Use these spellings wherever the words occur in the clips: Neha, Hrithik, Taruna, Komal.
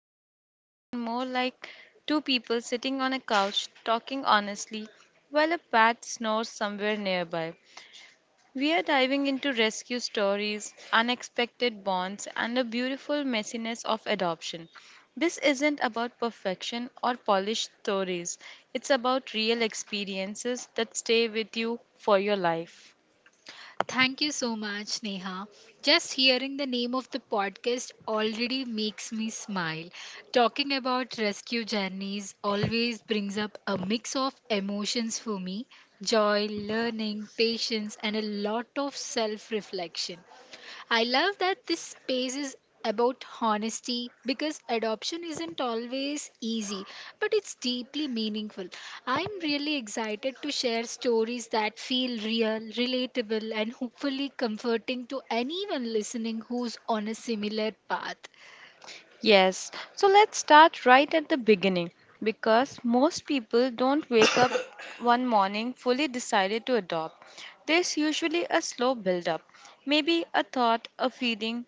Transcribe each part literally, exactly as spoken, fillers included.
an interview and more like two people sitting on a couch talking honestly while a bat snores somewhere nearby. We are diving into rescue stories, unexpected bonds, and the beautiful messiness of adoption. This isn't about perfection or polished stories, it's about real experiences that stay with you for your life. Thank you so much, Neha. Just hearing the name of the podcast already makes me smile. Talking about rescue journeys always brings up a mix of emotions for me: joy, learning, patience, and a lot of self reflection. I love that this space is about honesty because adoption isn't always easy, but it's deeply meaningful. I'm really excited to share stories that feel real, relatable, and hopefully comforting to anyone listening who's on a similar path. Yes, so let's start right at the beginning because most people don't wake up one morning fully decided to adopt. There's usually a slow build up, maybe a thought, a feeling,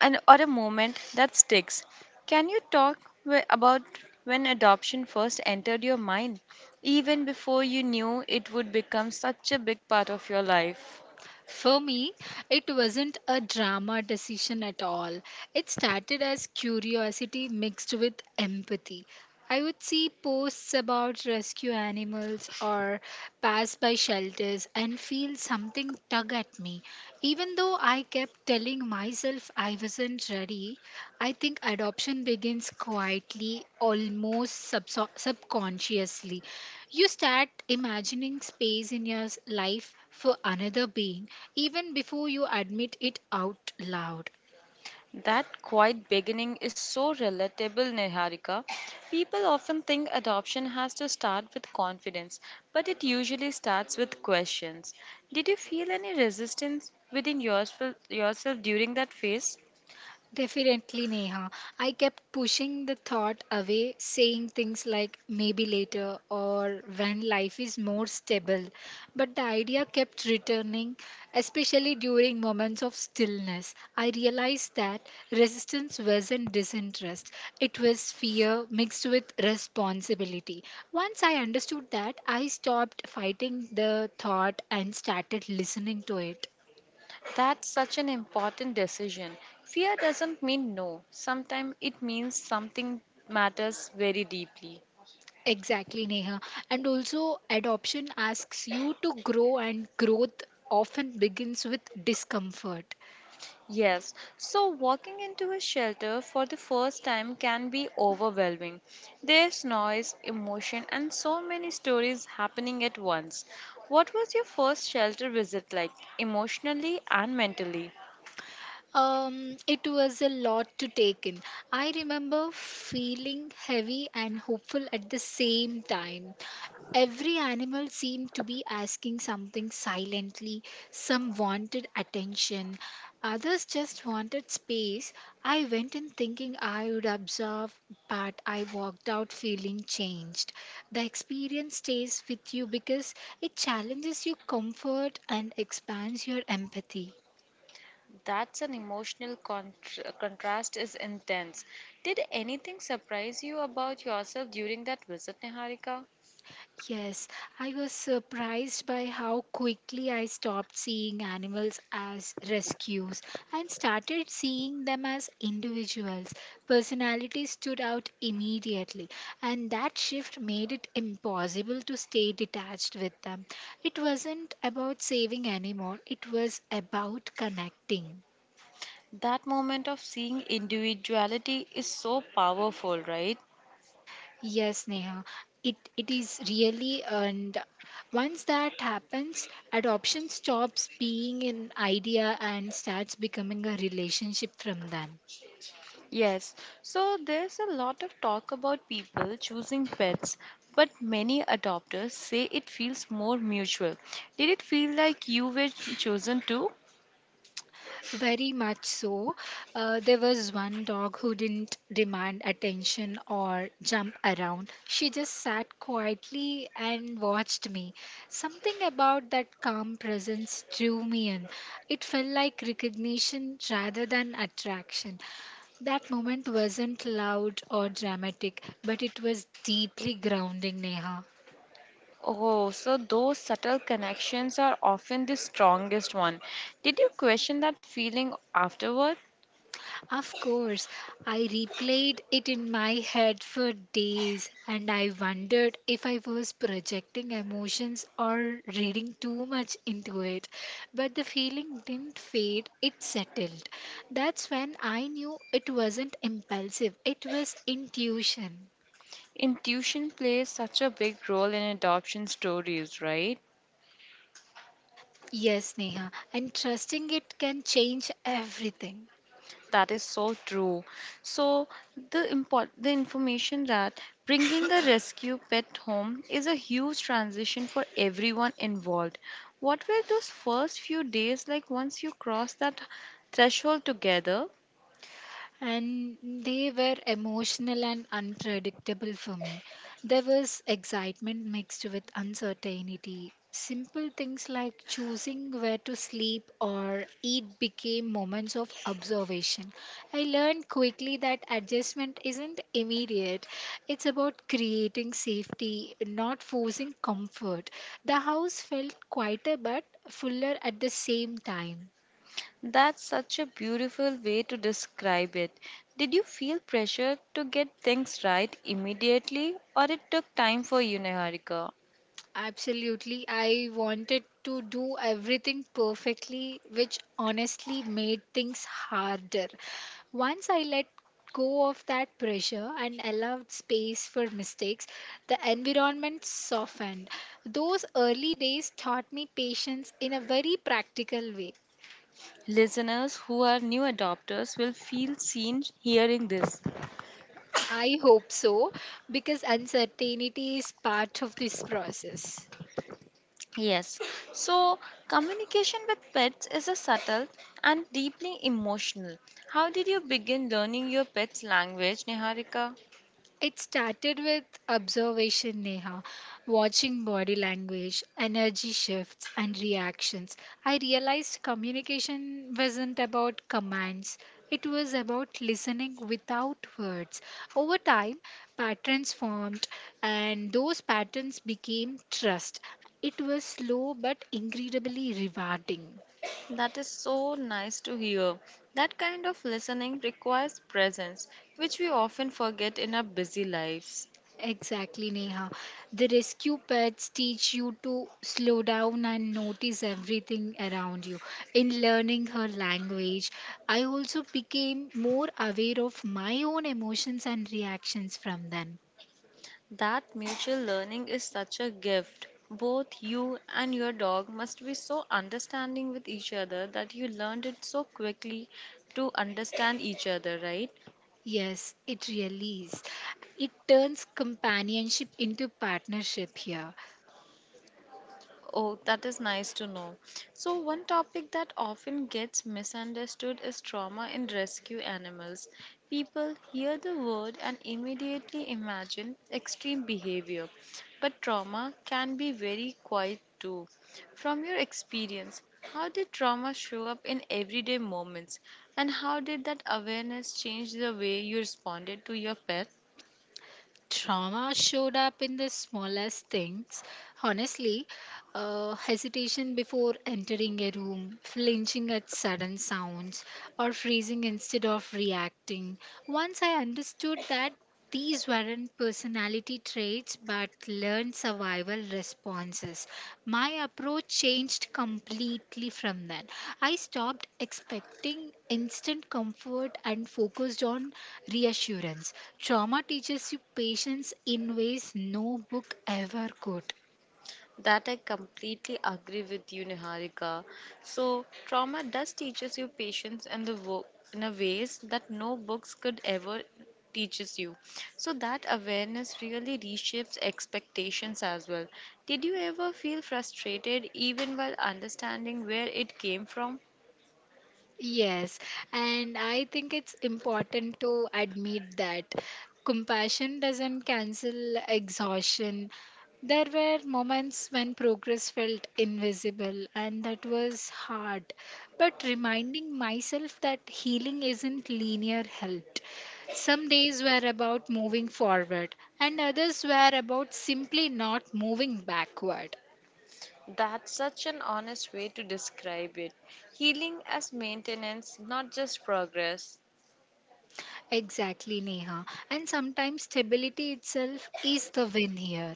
and or a moment that sticks. Can you talk wh- about when adoption first entered your mind, even before you knew it would become such a big part of your life? For me, it wasn't a drama decision at all. It started as curiosity mixed with empathy. I would see posts about rescue animals or pass by shelters and feel something tug at me. Even though I kept telling myself I wasn't ready, I think adoption begins quietly, almost subso- subconsciously. You start imagining space in your s- life for another being even before you admit it out loud. That quiet beginning is so relatable, Niharika. People often think adoption has to start with confidence, but it usually starts with questions. Did you feel any resistance within yourself, yourself during that phase? Definitely, Neha. I kept pushing the thought away, saying things like maybe later or when life is more stable. But the idea kept returning, especially during moments of stillness. I realized that resistance wasn't disinterest, it was fear mixed with responsibility. Once I understood that, I stopped fighting the thought and started listening to it. That's such an important decision. Fear doesn't mean no. Sometimes it means something matters very deeply. Exactly, Neha. And also, adoption asks you to grow, and growth often begins with discomfort. Yes, so walking into a shelter for the first time can be overwhelming. There's noise, emotion, and so many stories happening at once. What was your first shelter visit like, emotionally and mentally? Um, it was a lot to take in. I remember feeling heavy and hopeful at the same time. Every animal seemed to be asking something silently. Some wanted attention, others just wanted space. I went in thinking I would observe, but I walked out feeling changed. The experience stays with you because it challenges your comfort and expands your empathy. That's an emotional contr contrast is intense. Did anything surprise you about yourself during that visit, Niharika? Yes, I was surprised by how quickly I stopped seeing animals as rescues and started seeing them as individuals. Personality stood out immediately, and that shift made it impossible to stay detached with them. It wasn't about saving anymore, it was about connecting. That moment of seeing individuality is so powerful, right? Yes, Neha. It it is really, and once that happens, adoption stops being an idea and starts becoming a relationship from them. Yes, so there's a lot of talk about people choosing pets, but many adopters say it feels more mutual. Did it feel like you were chosen too? Very much so. Uh, there was one dog who didn't demand attention or jump around. She just sat quietly and watched me. Something about that calm presence drew me in. It felt like recognition rather than attraction. That moment wasn't loud or dramatic, but it was deeply grounding, Neha. Oh, so those subtle connections are often the strongest one. Did you question that feeling afterward? Of course, I replayed it in my head for days and I wondered if I was projecting emotions or reading too much into it. But the feeling didn't fade, it settled. That's when I knew it wasn't impulsive, it was intuition. Intuition plays such a big role in adoption stories, right? Yes, Neha, and trusting it can change everything. That is so true. So the import the information that bringing a rescue pet home is a huge transition for everyone involved. What were those first few days like once you crossed that threshold together? And they were emotional and unpredictable for me. There was excitement mixed with uncertainty. Simple things like choosing where to sleep or eat became moments of observation. I learned quickly that adjustment isn't immediate, it's about creating safety, not forcing comfort. The house felt quieter but fuller at the same time. That's such a beautiful way to describe it. Did you feel pressure to get things right immediately, or it took time for you, Niharika? Absolutely. I wanted to do everything perfectly, which honestly made things harder. Once I let go of that pressure and allowed space for mistakes, the environment softened. Those early days taught me patience in a very practical way. Listeners who are new adopters will feel seen hearing this. I hope so, because uncertainty is part of this process. Yes, so communication with pets is a subtle and deeply emotional. How did you begin learning your pet's language, Niharika? It started with observation, Neha, watching body language, energy shifts, and reactions. I realized communication wasn't about commands, it was about listening without words. Over time, patterns formed, and those patterns became trust. It was slow but incredibly rewarding. That is so nice to hear. That kind of listening requires presence, which we often forget in our busy lives. Exactly, Neha. The rescue pets teach you to slow down and notice everything around you. In learning her language, I also became more aware of my own emotions and reactions from them. That mutual learning is such a gift. Both you and your dog must be so understanding with each other that you learned it so quickly to understand each other, right? Yes, it really is. It turns companionship into partnership here. Oh, that is nice to know. So, one topic that often gets misunderstood is trauma in rescue animals. People hear the word and immediately imagine extreme behavior, but trauma can be very quiet too. From your experience, how did trauma show up in everyday moments, and how did that awareness change the way you responded to your pet? Trauma showed up in the smallest things. Honestly, uh, hesitation before entering a room, flinching at sudden sounds, or freezing instead of reacting. Once I understood that these weren't personality traits, but but learned survival responses. My approach changed completely from then. I stopped expecting instant comfort and focused on reassurance. Trauma teaches you patience in ways no book ever could. That I completely agree with you, Niharika. So, trauma does teaches you patience and the wo- in a ways that no books could ever teaches you. So that awareness really reshapes expectations as well. Did you ever feel frustrated even while understanding where it came from? Yes, and I think it's important to admit that compassion doesn't cancel exhaustion. There were moments when progress felt invisible, and that was hard. But reminding myself that healing isn't linear helped. Some days were about moving forward, and others were about simply not moving backward. That's such an honest way to describe it. Healing as maintenance, not just progress. Exactly, Neha. And sometimes stability itself is the win here.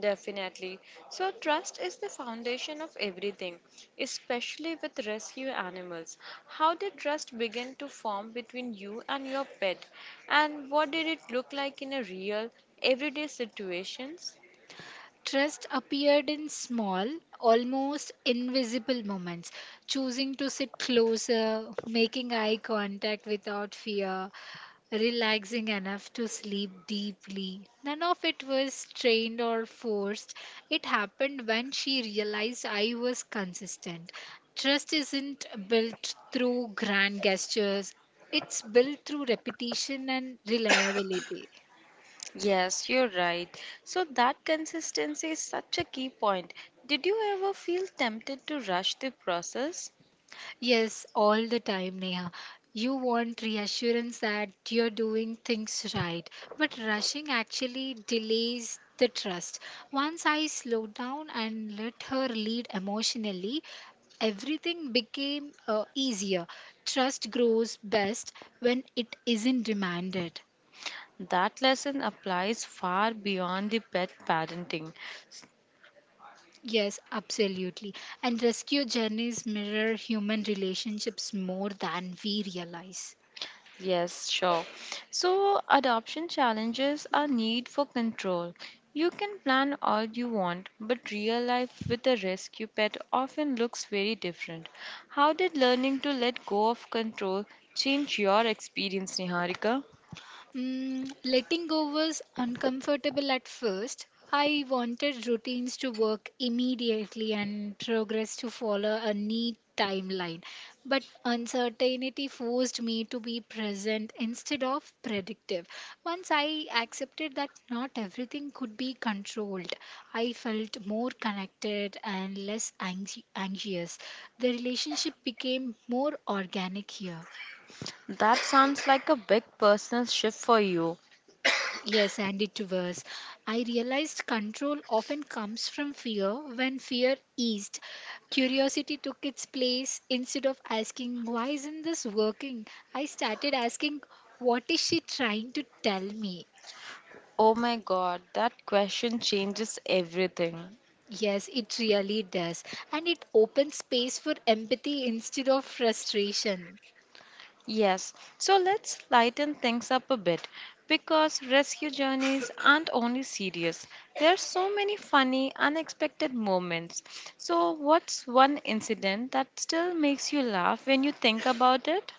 Definitely. So, trust is the foundation of everything, especially with rescue animals. How did trust begin to form between you and your pet? And what did it look like in a real, everyday situations? Trust appeared in small, almost invisible moments: choosing to sit closer, making eye contact without fear, relaxing enough to sleep deeply. None of it was trained or forced. It happened when she realized I was consistent. Trust isn't built through grand gestures, it's built through repetition and reliability. Yes, you're right. So that consistency is such a key point. Did you ever feel tempted to rush the process? Yes, all the time, Neha. You want reassurance that you're doing things right, but rushing actually delays the trust. Once I slowed down and let her lead emotionally, everything became uh, easier. Trust grows best when it isn't demanded. That lesson applies far beyond the pet parenting. Yes, absolutely. And rescue journeys mirror human relationships more than we realize. Yes, sure. So, adoption challenges our need for control. You can plan all you want, but real life with a rescue pet often looks very different. How did learning to let go of control change your experience, Niharika? Mm, letting go was uncomfortable at first. I wanted routines to work immediately and progress to follow a neat timeline. But uncertainty forced me to be present instead of predictive. Once I accepted that not everything could be controlled, I felt more connected and less anxi- anxious. The relationship became more organic here. That sounds like a big personal shift for you. Yes, and it was. I realized control often comes from fear. When fear eased, curiosity took its place. Instead of asking, why isn't this working? I started asking, what is she trying to tell me? Oh my god, that question changes everything. Yes, it really does. And it opens space for empathy instead of frustration. Yes, so let's lighten things up a bit because rescue journeys aren't only serious. There are so many funny, unexpected moments. So, what's one incident that still makes you laugh when you think about it?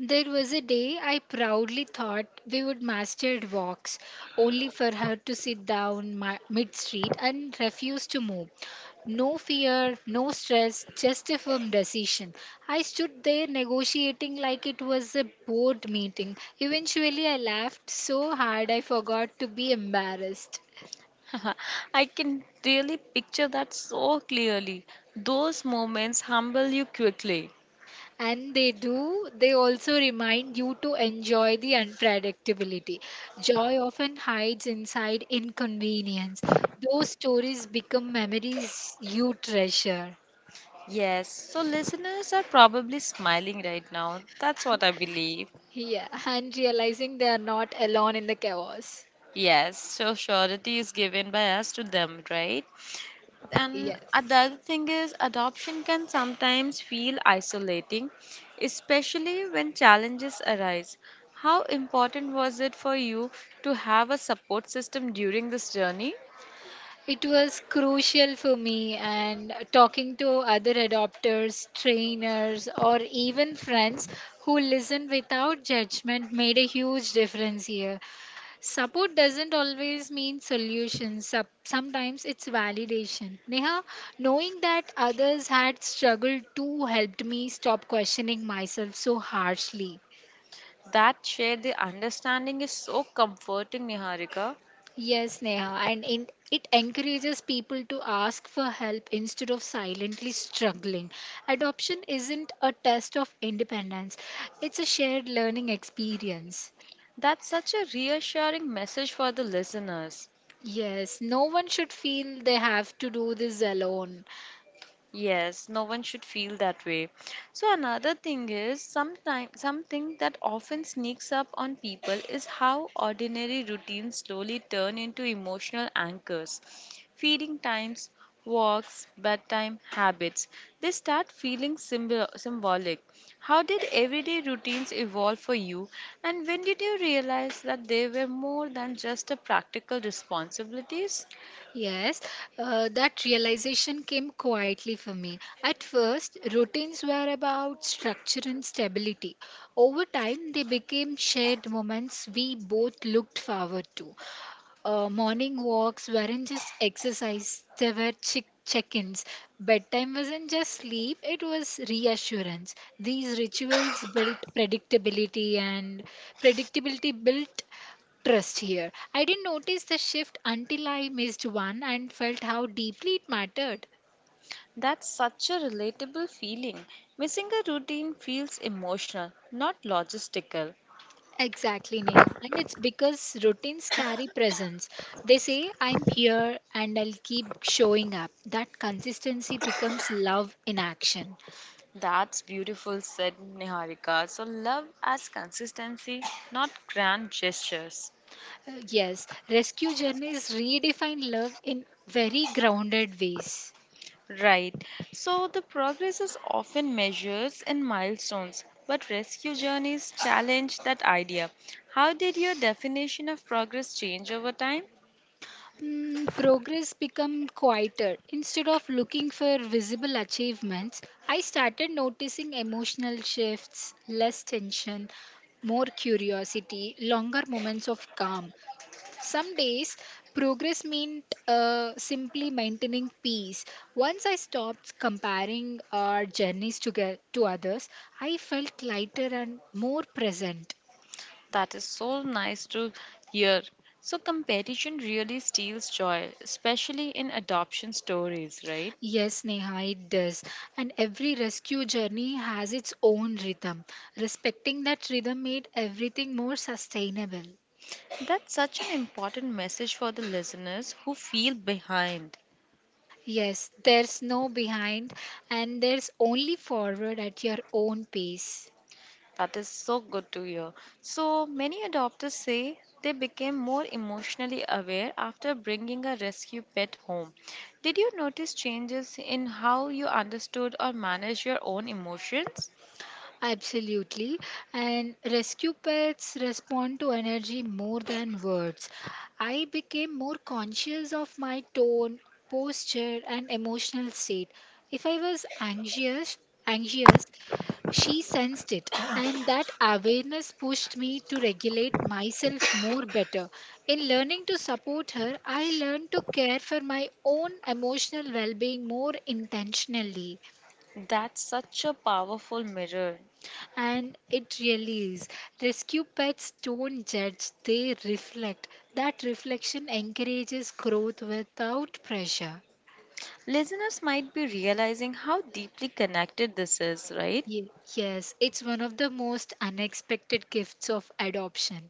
There was a day I proudly thought we would master walks, only for her to sit down my, mid-street and refuse to move. No fear, no stress, just a firm decision. I stood there negotiating like it was a board meeting. Eventually, I laughed so hard I forgot to be embarrassed. I can really picture that so clearly. Those moments humble you quickly. And they do, they also remind you to enjoy the unpredictability. Joy often hides inside inconvenience. Those stories become memories you treasure. Yes, so listeners are probably smiling right now. That's what I believe. Yeah, and realizing they are not alone in the chaos. Yes, so surety is given by us to them, right? And Yes. another thing is, adoption can sometimes feel isolating, especially when challenges arise. How important was it for you to have a support system during this journey? It was crucial for me, and talking to other adopters, trainers, or even friends who listen without judgment made a huge difference here. Support doesn't always mean solutions. Sup- Sometimes it's validation. Neha, knowing that others had struggled too helped me stop questioning myself so harshly. That shared the understanding is so comforting, Niharika. Yes, Neha, and in, it encourages people to ask for help instead of silently struggling. Adoption isn't a test of independence, it's a shared learning experience. That's such a reassuring message for the listeners. Yes, no one should feel they have to do this alone. Yes, no one should feel that way. So another thing is sometime something that often sneaks up on people is how ordinary routines slowly turn into emotional anchors. Feeding times, walks, bedtime habits, they start feeling symbol- symbolic. How did everyday routines evolve for you and when did you realize that they were more than just a practical responsibilities? Yes, uh, that realization came quietly for me. At first, routines were about structure and stability. Over time, they became shared moments we both looked forward to. Uh, morning walks weren't just exercise, they were chick- check ins. Bedtime wasn't just sleep, it was reassurance. These rituals built predictability, and predictability built trust here. I didn't notice the shift until I missed one and felt how deeply it mattered. That's such a relatable feeling. Missing a routine feels emotional, not logistical. Exactly, Neha. And it's because routines carry presence. They say, I'm here and I'll keep showing up. That consistency becomes love in action. That's beautiful, said Niharika. So, love as consistency, not grand gestures. Uh, yes, rescue journeys redefine love in very grounded ways. Right. So, the progress is often measured in milestones, but rescue journeys challenge that idea. How did your definition of progress change over time? Mm, progress become quieter. Instead of looking for visible achievements, I started noticing emotional shifts, less tension, more curiosity, longer moments of calm. Some days, progress meant uh, simply maintaining peace. Once I stopped comparing our journeys to, get, to others, I felt lighter and more present. That is so nice to hear. So, competition really steals joy, especially in adoption stories, right? Yes, Neha, it does. And every rescue journey has its own rhythm. Respecting that rhythm made everything more sustainable. That's such an important message for the listeners who feel behind. Yes, there's no behind, and there's only forward at your own pace. That is so good to hear. So, many adopters say they became more emotionally aware after bringing a rescue pet home. Did you notice changes in how you understood or managed your own emotions? Absolutely. And rescue pets respond to energy more than words. I became more conscious of my tone, posture, and emotional state. If I was anxious, anxious, she sensed it, and that awareness pushed me to regulate myself more better. In learning to support her, I learned to care for my own emotional well being more intentionally. That's such a powerful mirror. And it really is. Rescue pets don't judge, they reflect. That reflection encourages growth without pressure. Listeners might be realizing how deeply connected this is, right? Ye- Yes, it's one of the most unexpected gifts of adoption.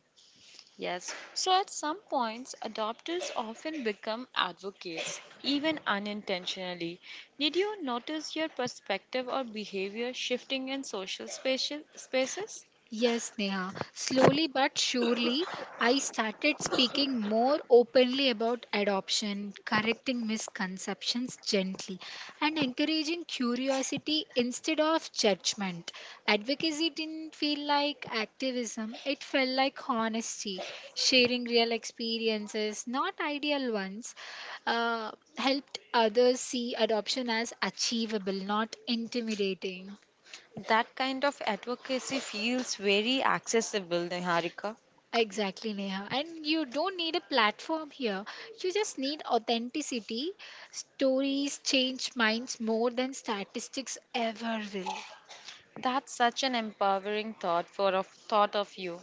Yes. So at some points, adopters often become advocates, even unintentionally. Did you notice your perspective or behavior shifting in social spacia- spaces? Yes, Neha. Slowly but surely, I started speaking more openly about adoption, correcting misconceptions gently, and encouraging curiosity instead of judgment. Advocacy didn't feel like activism, it felt like honesty, sharing real experiences, not ideal ones, uh, helped others see adoption as achievable, not intimidating. That kind of advocacy feels very accessible, Niharika. Exactly, Neha. And you don't need a platform here. You just need authenticity. Stories change minds more than statistics ever will. That's such an empowering thought for of thought of you.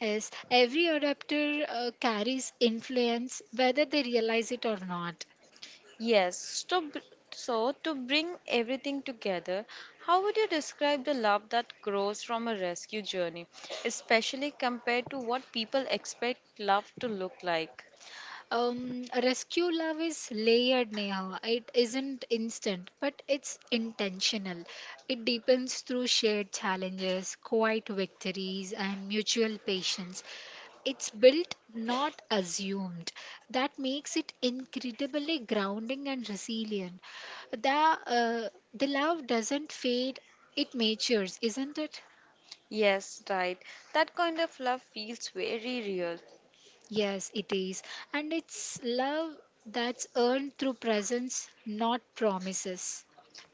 Yes, every adapter uh, carries influence, whether they realize it or not. Yes, to, br- so to bring everything together, how would you describe the love that grows from a rescue journey, especially compared to what people expect love to look like? Um, rescue love is layered, Neha. It isn't instant, but it's intentional. It deepens through shared challenges, quiet victories, and mutual patience. It's built, not assumed. That makes it incredibly grounding and resilient. The, uh, the love doesn't fade, it matures, isn't it? Yes, right. That kind of love feels very real. Yes, it is. And it's love that's earned through presence, not promises.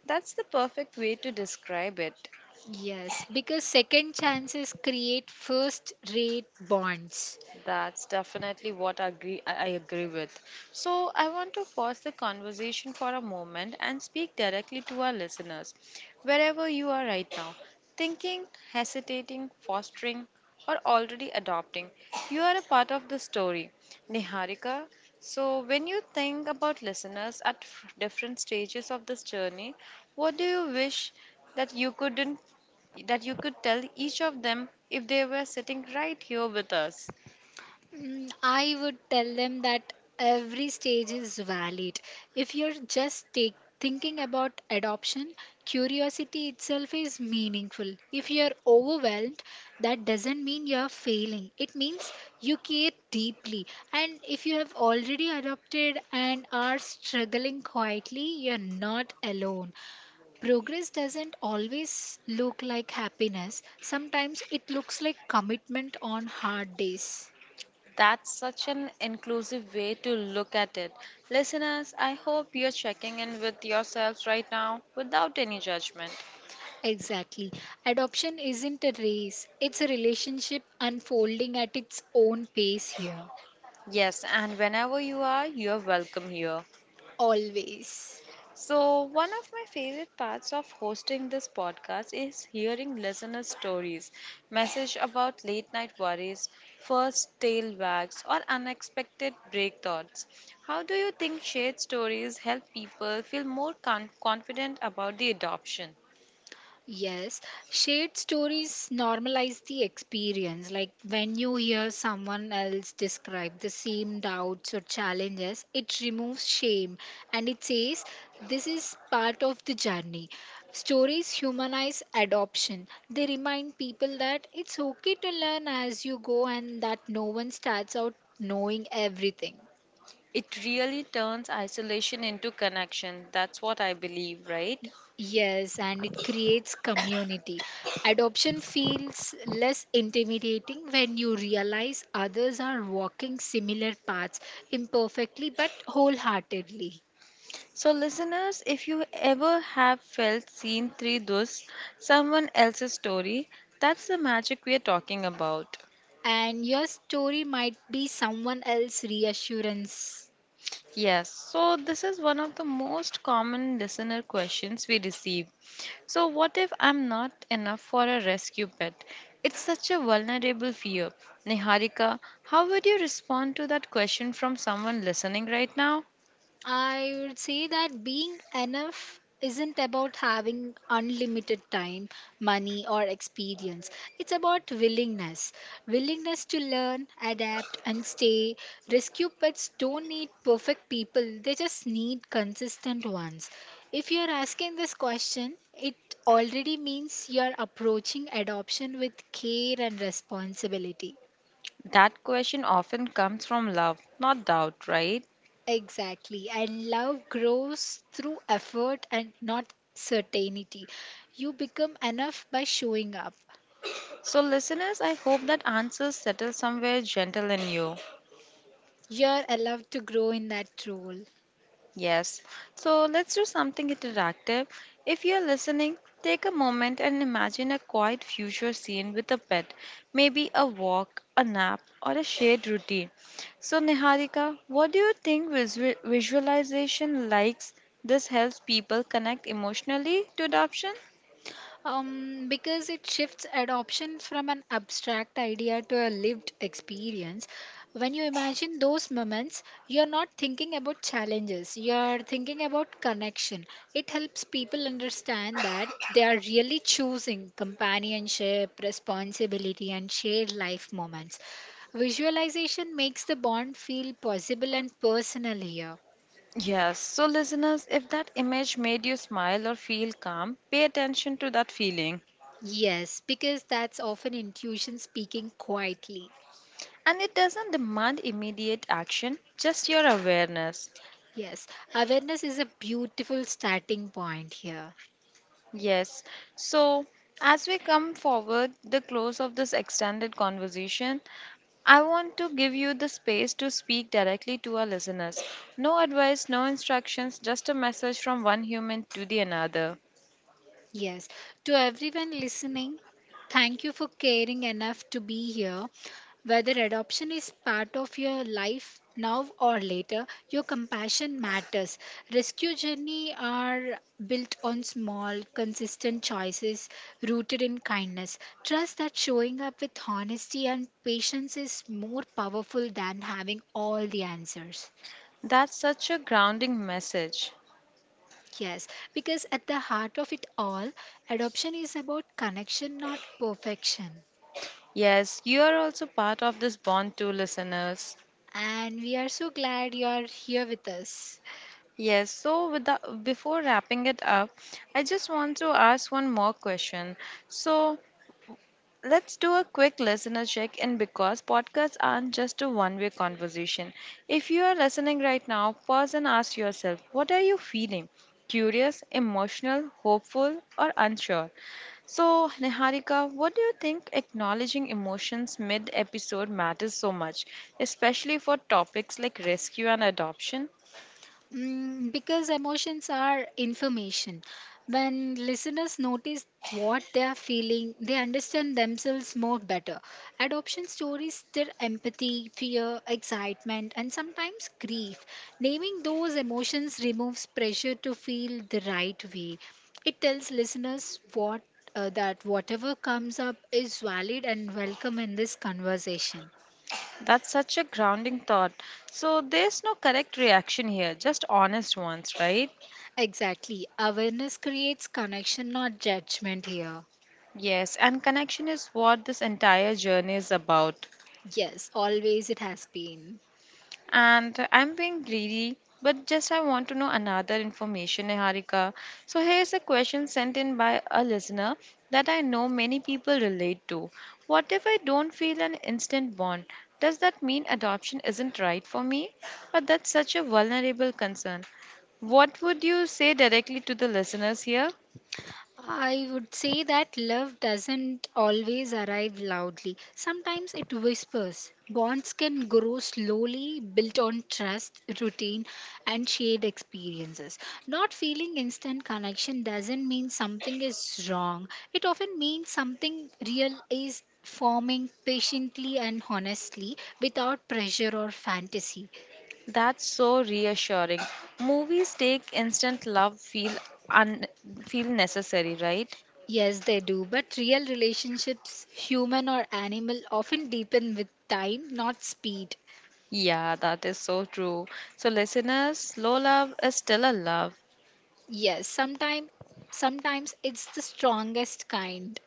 That's the perfect way to describe it. Yes, because second chances create first rate bonds. That's definitely what I agree, I I agree with. So, I want to pause the conversation for a moment and speak directly to our listeners, wherever you are right now, thinking, hesitating, fostering, or already adopting. You are a part of the story, Niharika. So, when you think about listeners at f- different stages of this journey, what do you wish that you couldn't that you could tell each of them if they were sitting right here with us? Mm, I would tell them that every stage is valid. If you're just take, thinking about adoption, curiosity itself is meaningful. If you're overwhelmed, that doesn't mean you're failing. It means you care deeply. And if you have already adopted and are struggling quietly, you're not alone. Progress doesn't always look like happiness. Sometimes it looks like commitment on hard days. That's such an inclusive way to look at it. Listeners, I hope you're checking in with yourselves right now without any judgment. Exactly. Adoption isn't a race, it's a relationship unfolding at its own pace here. Yes, and whenever you are, you're welcome here. Always. So, one of my favorite parts of hosting this podcast is hearing listeners' stories, message about late night worries, first tail wags, or unexpected break thoughts. How do you think shared stories help people feel more con- confident about the adoption? Yes, shared stories normalize the experience. Like when you hear someone else describe the same doubts or challenges, it removes shame and it says this is part of the journey. Stories humanize adoption. They remind people that it's okay to learn as you go and that no one starts out knowing everything. It really turns isolation into connection. That's what I believe, right? Yes, and it creates community. Adoption feels less intimidating when you realize others are walking similar paths, imperfectly but wholeheartedly. So, listeners, if you ever have felt seen through this, someone else's story, that's the magic we are talking about. And your story might be someone else's reassurance. Yes, so this is one of the most common listener questions we receive. So, what if I'm not enough for a rescue pet? It's such a vulnerable fear. Niharika, how would you respond to that question from someone listening right now? I would say that being enough isn't about having unlimited time, money, or experience. It's about willingness. Willingness to learn, adapt, and stay. Rescue pets don't need perfect people, they just need consistent ones. If you're asking this question, it already means you're approaching adoption with care and responsibility. That question often comes from love, not doubt, right? Exactly. And love grows through effort and not certainty. You become enough by showing up. So, listeners, I hope that answers settle somewhere gentle in you. You're allowed to grow in that role. Yes. So, let's do something interactive. If you're listening, take a moment and imagine a quiet future scene with a pet, maybe a walk, a nap, or a shared routine. So, Niharika, what do you think visu- visualization likes? This helps people connect emotionally to adoption? Um, because it shifts adoption from an abstract idea to a lived experience. When you imagine those moments, you're not thinking about challenges, you're thinking about connection. It helps people understand that they are really choosing companionship, responsibility, and shared life moments. Visualization makes the bond feel possible and personal here. Yes, so listeners, if that image made you smile or feel calm, pay attention to that feeling. Yes, because that's often intuition speaking quietly. And it doesn't demand immediate action, just your awareness. Yes, awareness is a beautiful starting point here. Yes, so as we come forward, the close of this extended conversation, I want to give you the space to speak directly to our listeners. No advice, no instructions, just a message from one human to the another. Yes, to everyone listening, thank you for caring enough to be here. Whether adoption is part of your life now or later, your compassion matters. Rescue journey are built on small, consistent choices rooted in kindness. Trust that showing up with honesty and patience is more powerful than having all the answers. That's such a grounding message. Yes, because at the heart of it all, adoption is about connection, not perfection. Yes, you are also part of this bond too, listeners. And we are so glad you are here with us. Yes, so with the, before wrapping it up, I just want to ask one more question. So let's do a quick listener check in because podcasts aren't just a one way conversation. If you are listening right now, pause and ask yourself what are you feeling? Curious, emotional, hopeful, or unsure? So, Niharika, what do you think acknowledging emotions mid episode matters so much, especially for topics like rescue and adoption? Mm, because emotions are information. When listeners notice what they are feeling, they understand themselves more better. Adoption stories stir empathy, fear, excitement, and sometimes grief. Naming those emotions removes pressure to feel the right way. It tells listeners what uh, that whatever comes up is valid and welcome in this conversation. That's such a grounding thought. So, there's no correct reaction here, just honest ones, right? Exactly. Awareness creates connection, not judgment here. Yes, and connection is what this entire journey is about. Yes, always it has been. And I'm being greedy, but just I want to know another information, Niharika. So here's a question sent in by a listener that I know many people relate to. What if I don't feel an instant bond? Does that mean adoption isn't right for me? Or that's such a vulnerable concern. What would you say directly to the listeners here? I would say that love doesn't always arrive loudly. Sometimes it whispers. Bonds can grow slowly, built on trust, routine, and shared experiences. Not feeling instant connection doesn't mean something is wrong, it often means something real is forming patiently and honestly without pressure or fantasy. That's so reassuring. Movies take instant love feel un- feel necessary, right? Yes, they do, but real relationships, human or animal, often deepen with time, not speed. Yeah, that is so true. So, listeners, slow love is still a love. Yes, sometimes sometimes it's the strongest kind.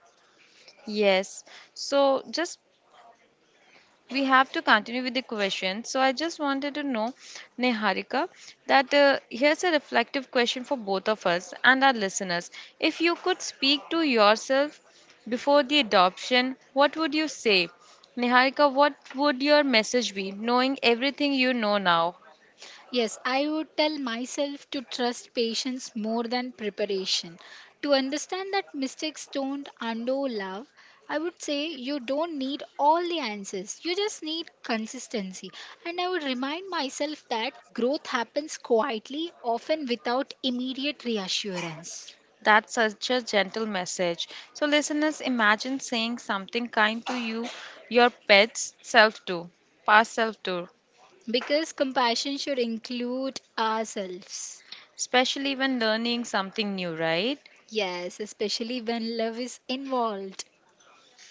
Yes. So, just we have to continue with the question. So, I just wanted to know, Neharika, that uh, here's a reflective question for both of us and our listeners. If you could speak to yourself before the adoption, what would you say? Neharika, what would your message be, knowing everything you know now? Yes, I would tell myself to trust patience more than preparation. To understand that mistakes don't undo love, I would say you don't need all the answers. You just need consistency. And I would remind myself that growth happens quietly, often without immediate reassurance. That's such a gentle message. So, listeners, imagine saying something kind to you, your pet's self too, past self too, Because compassion should include ourselves. especially when learning something new, right? Yes, especially when love is involved.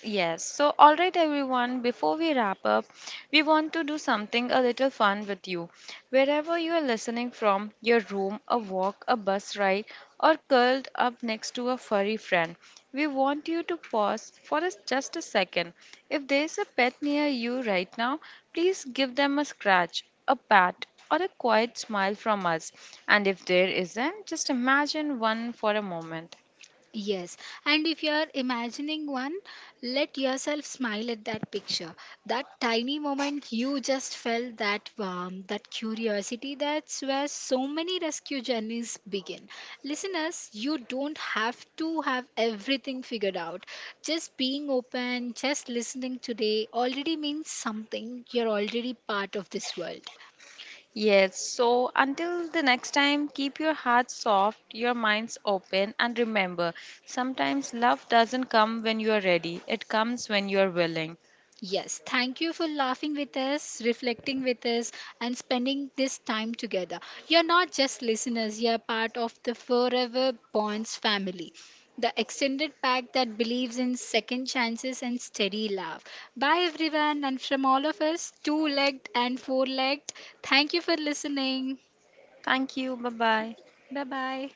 Yes, so all right, everyone, before we wrap up, we want to do something a little fun with you. Wherever you are listening from, your room, a walk, a bus ride, or curled up next to a furry friend, we want you to pause for us just a second. If there's a pet near you right now, please give them a scratch, a pat, or a quiet smile from us. And if there isn't, just imagine one for a moment. Yes, and if you are imagining one, let yourself smile at that picture. That tiny moment you just felt that warmth, that curiosity, that's where so many rescue journeys begin. Listeners, you don't have to have everything figured out. Just being open, just listening today already means something. You're already part of this world. Yes, so until the next time, keep your heart soft, your minds open, and remember sometimes love doesn't come when you are ready, it comes when you are willing. Yes, thank you for laughing with us, reflecting with us, and spending this time together. You're not just listeners, you're part of the Forever Bonds family, the extended pack that believes in second chances and steady love. Bye, everyone, and from all of us, two legged and four legged, thank you for listening. Thank you. Bye bye. Bye bye.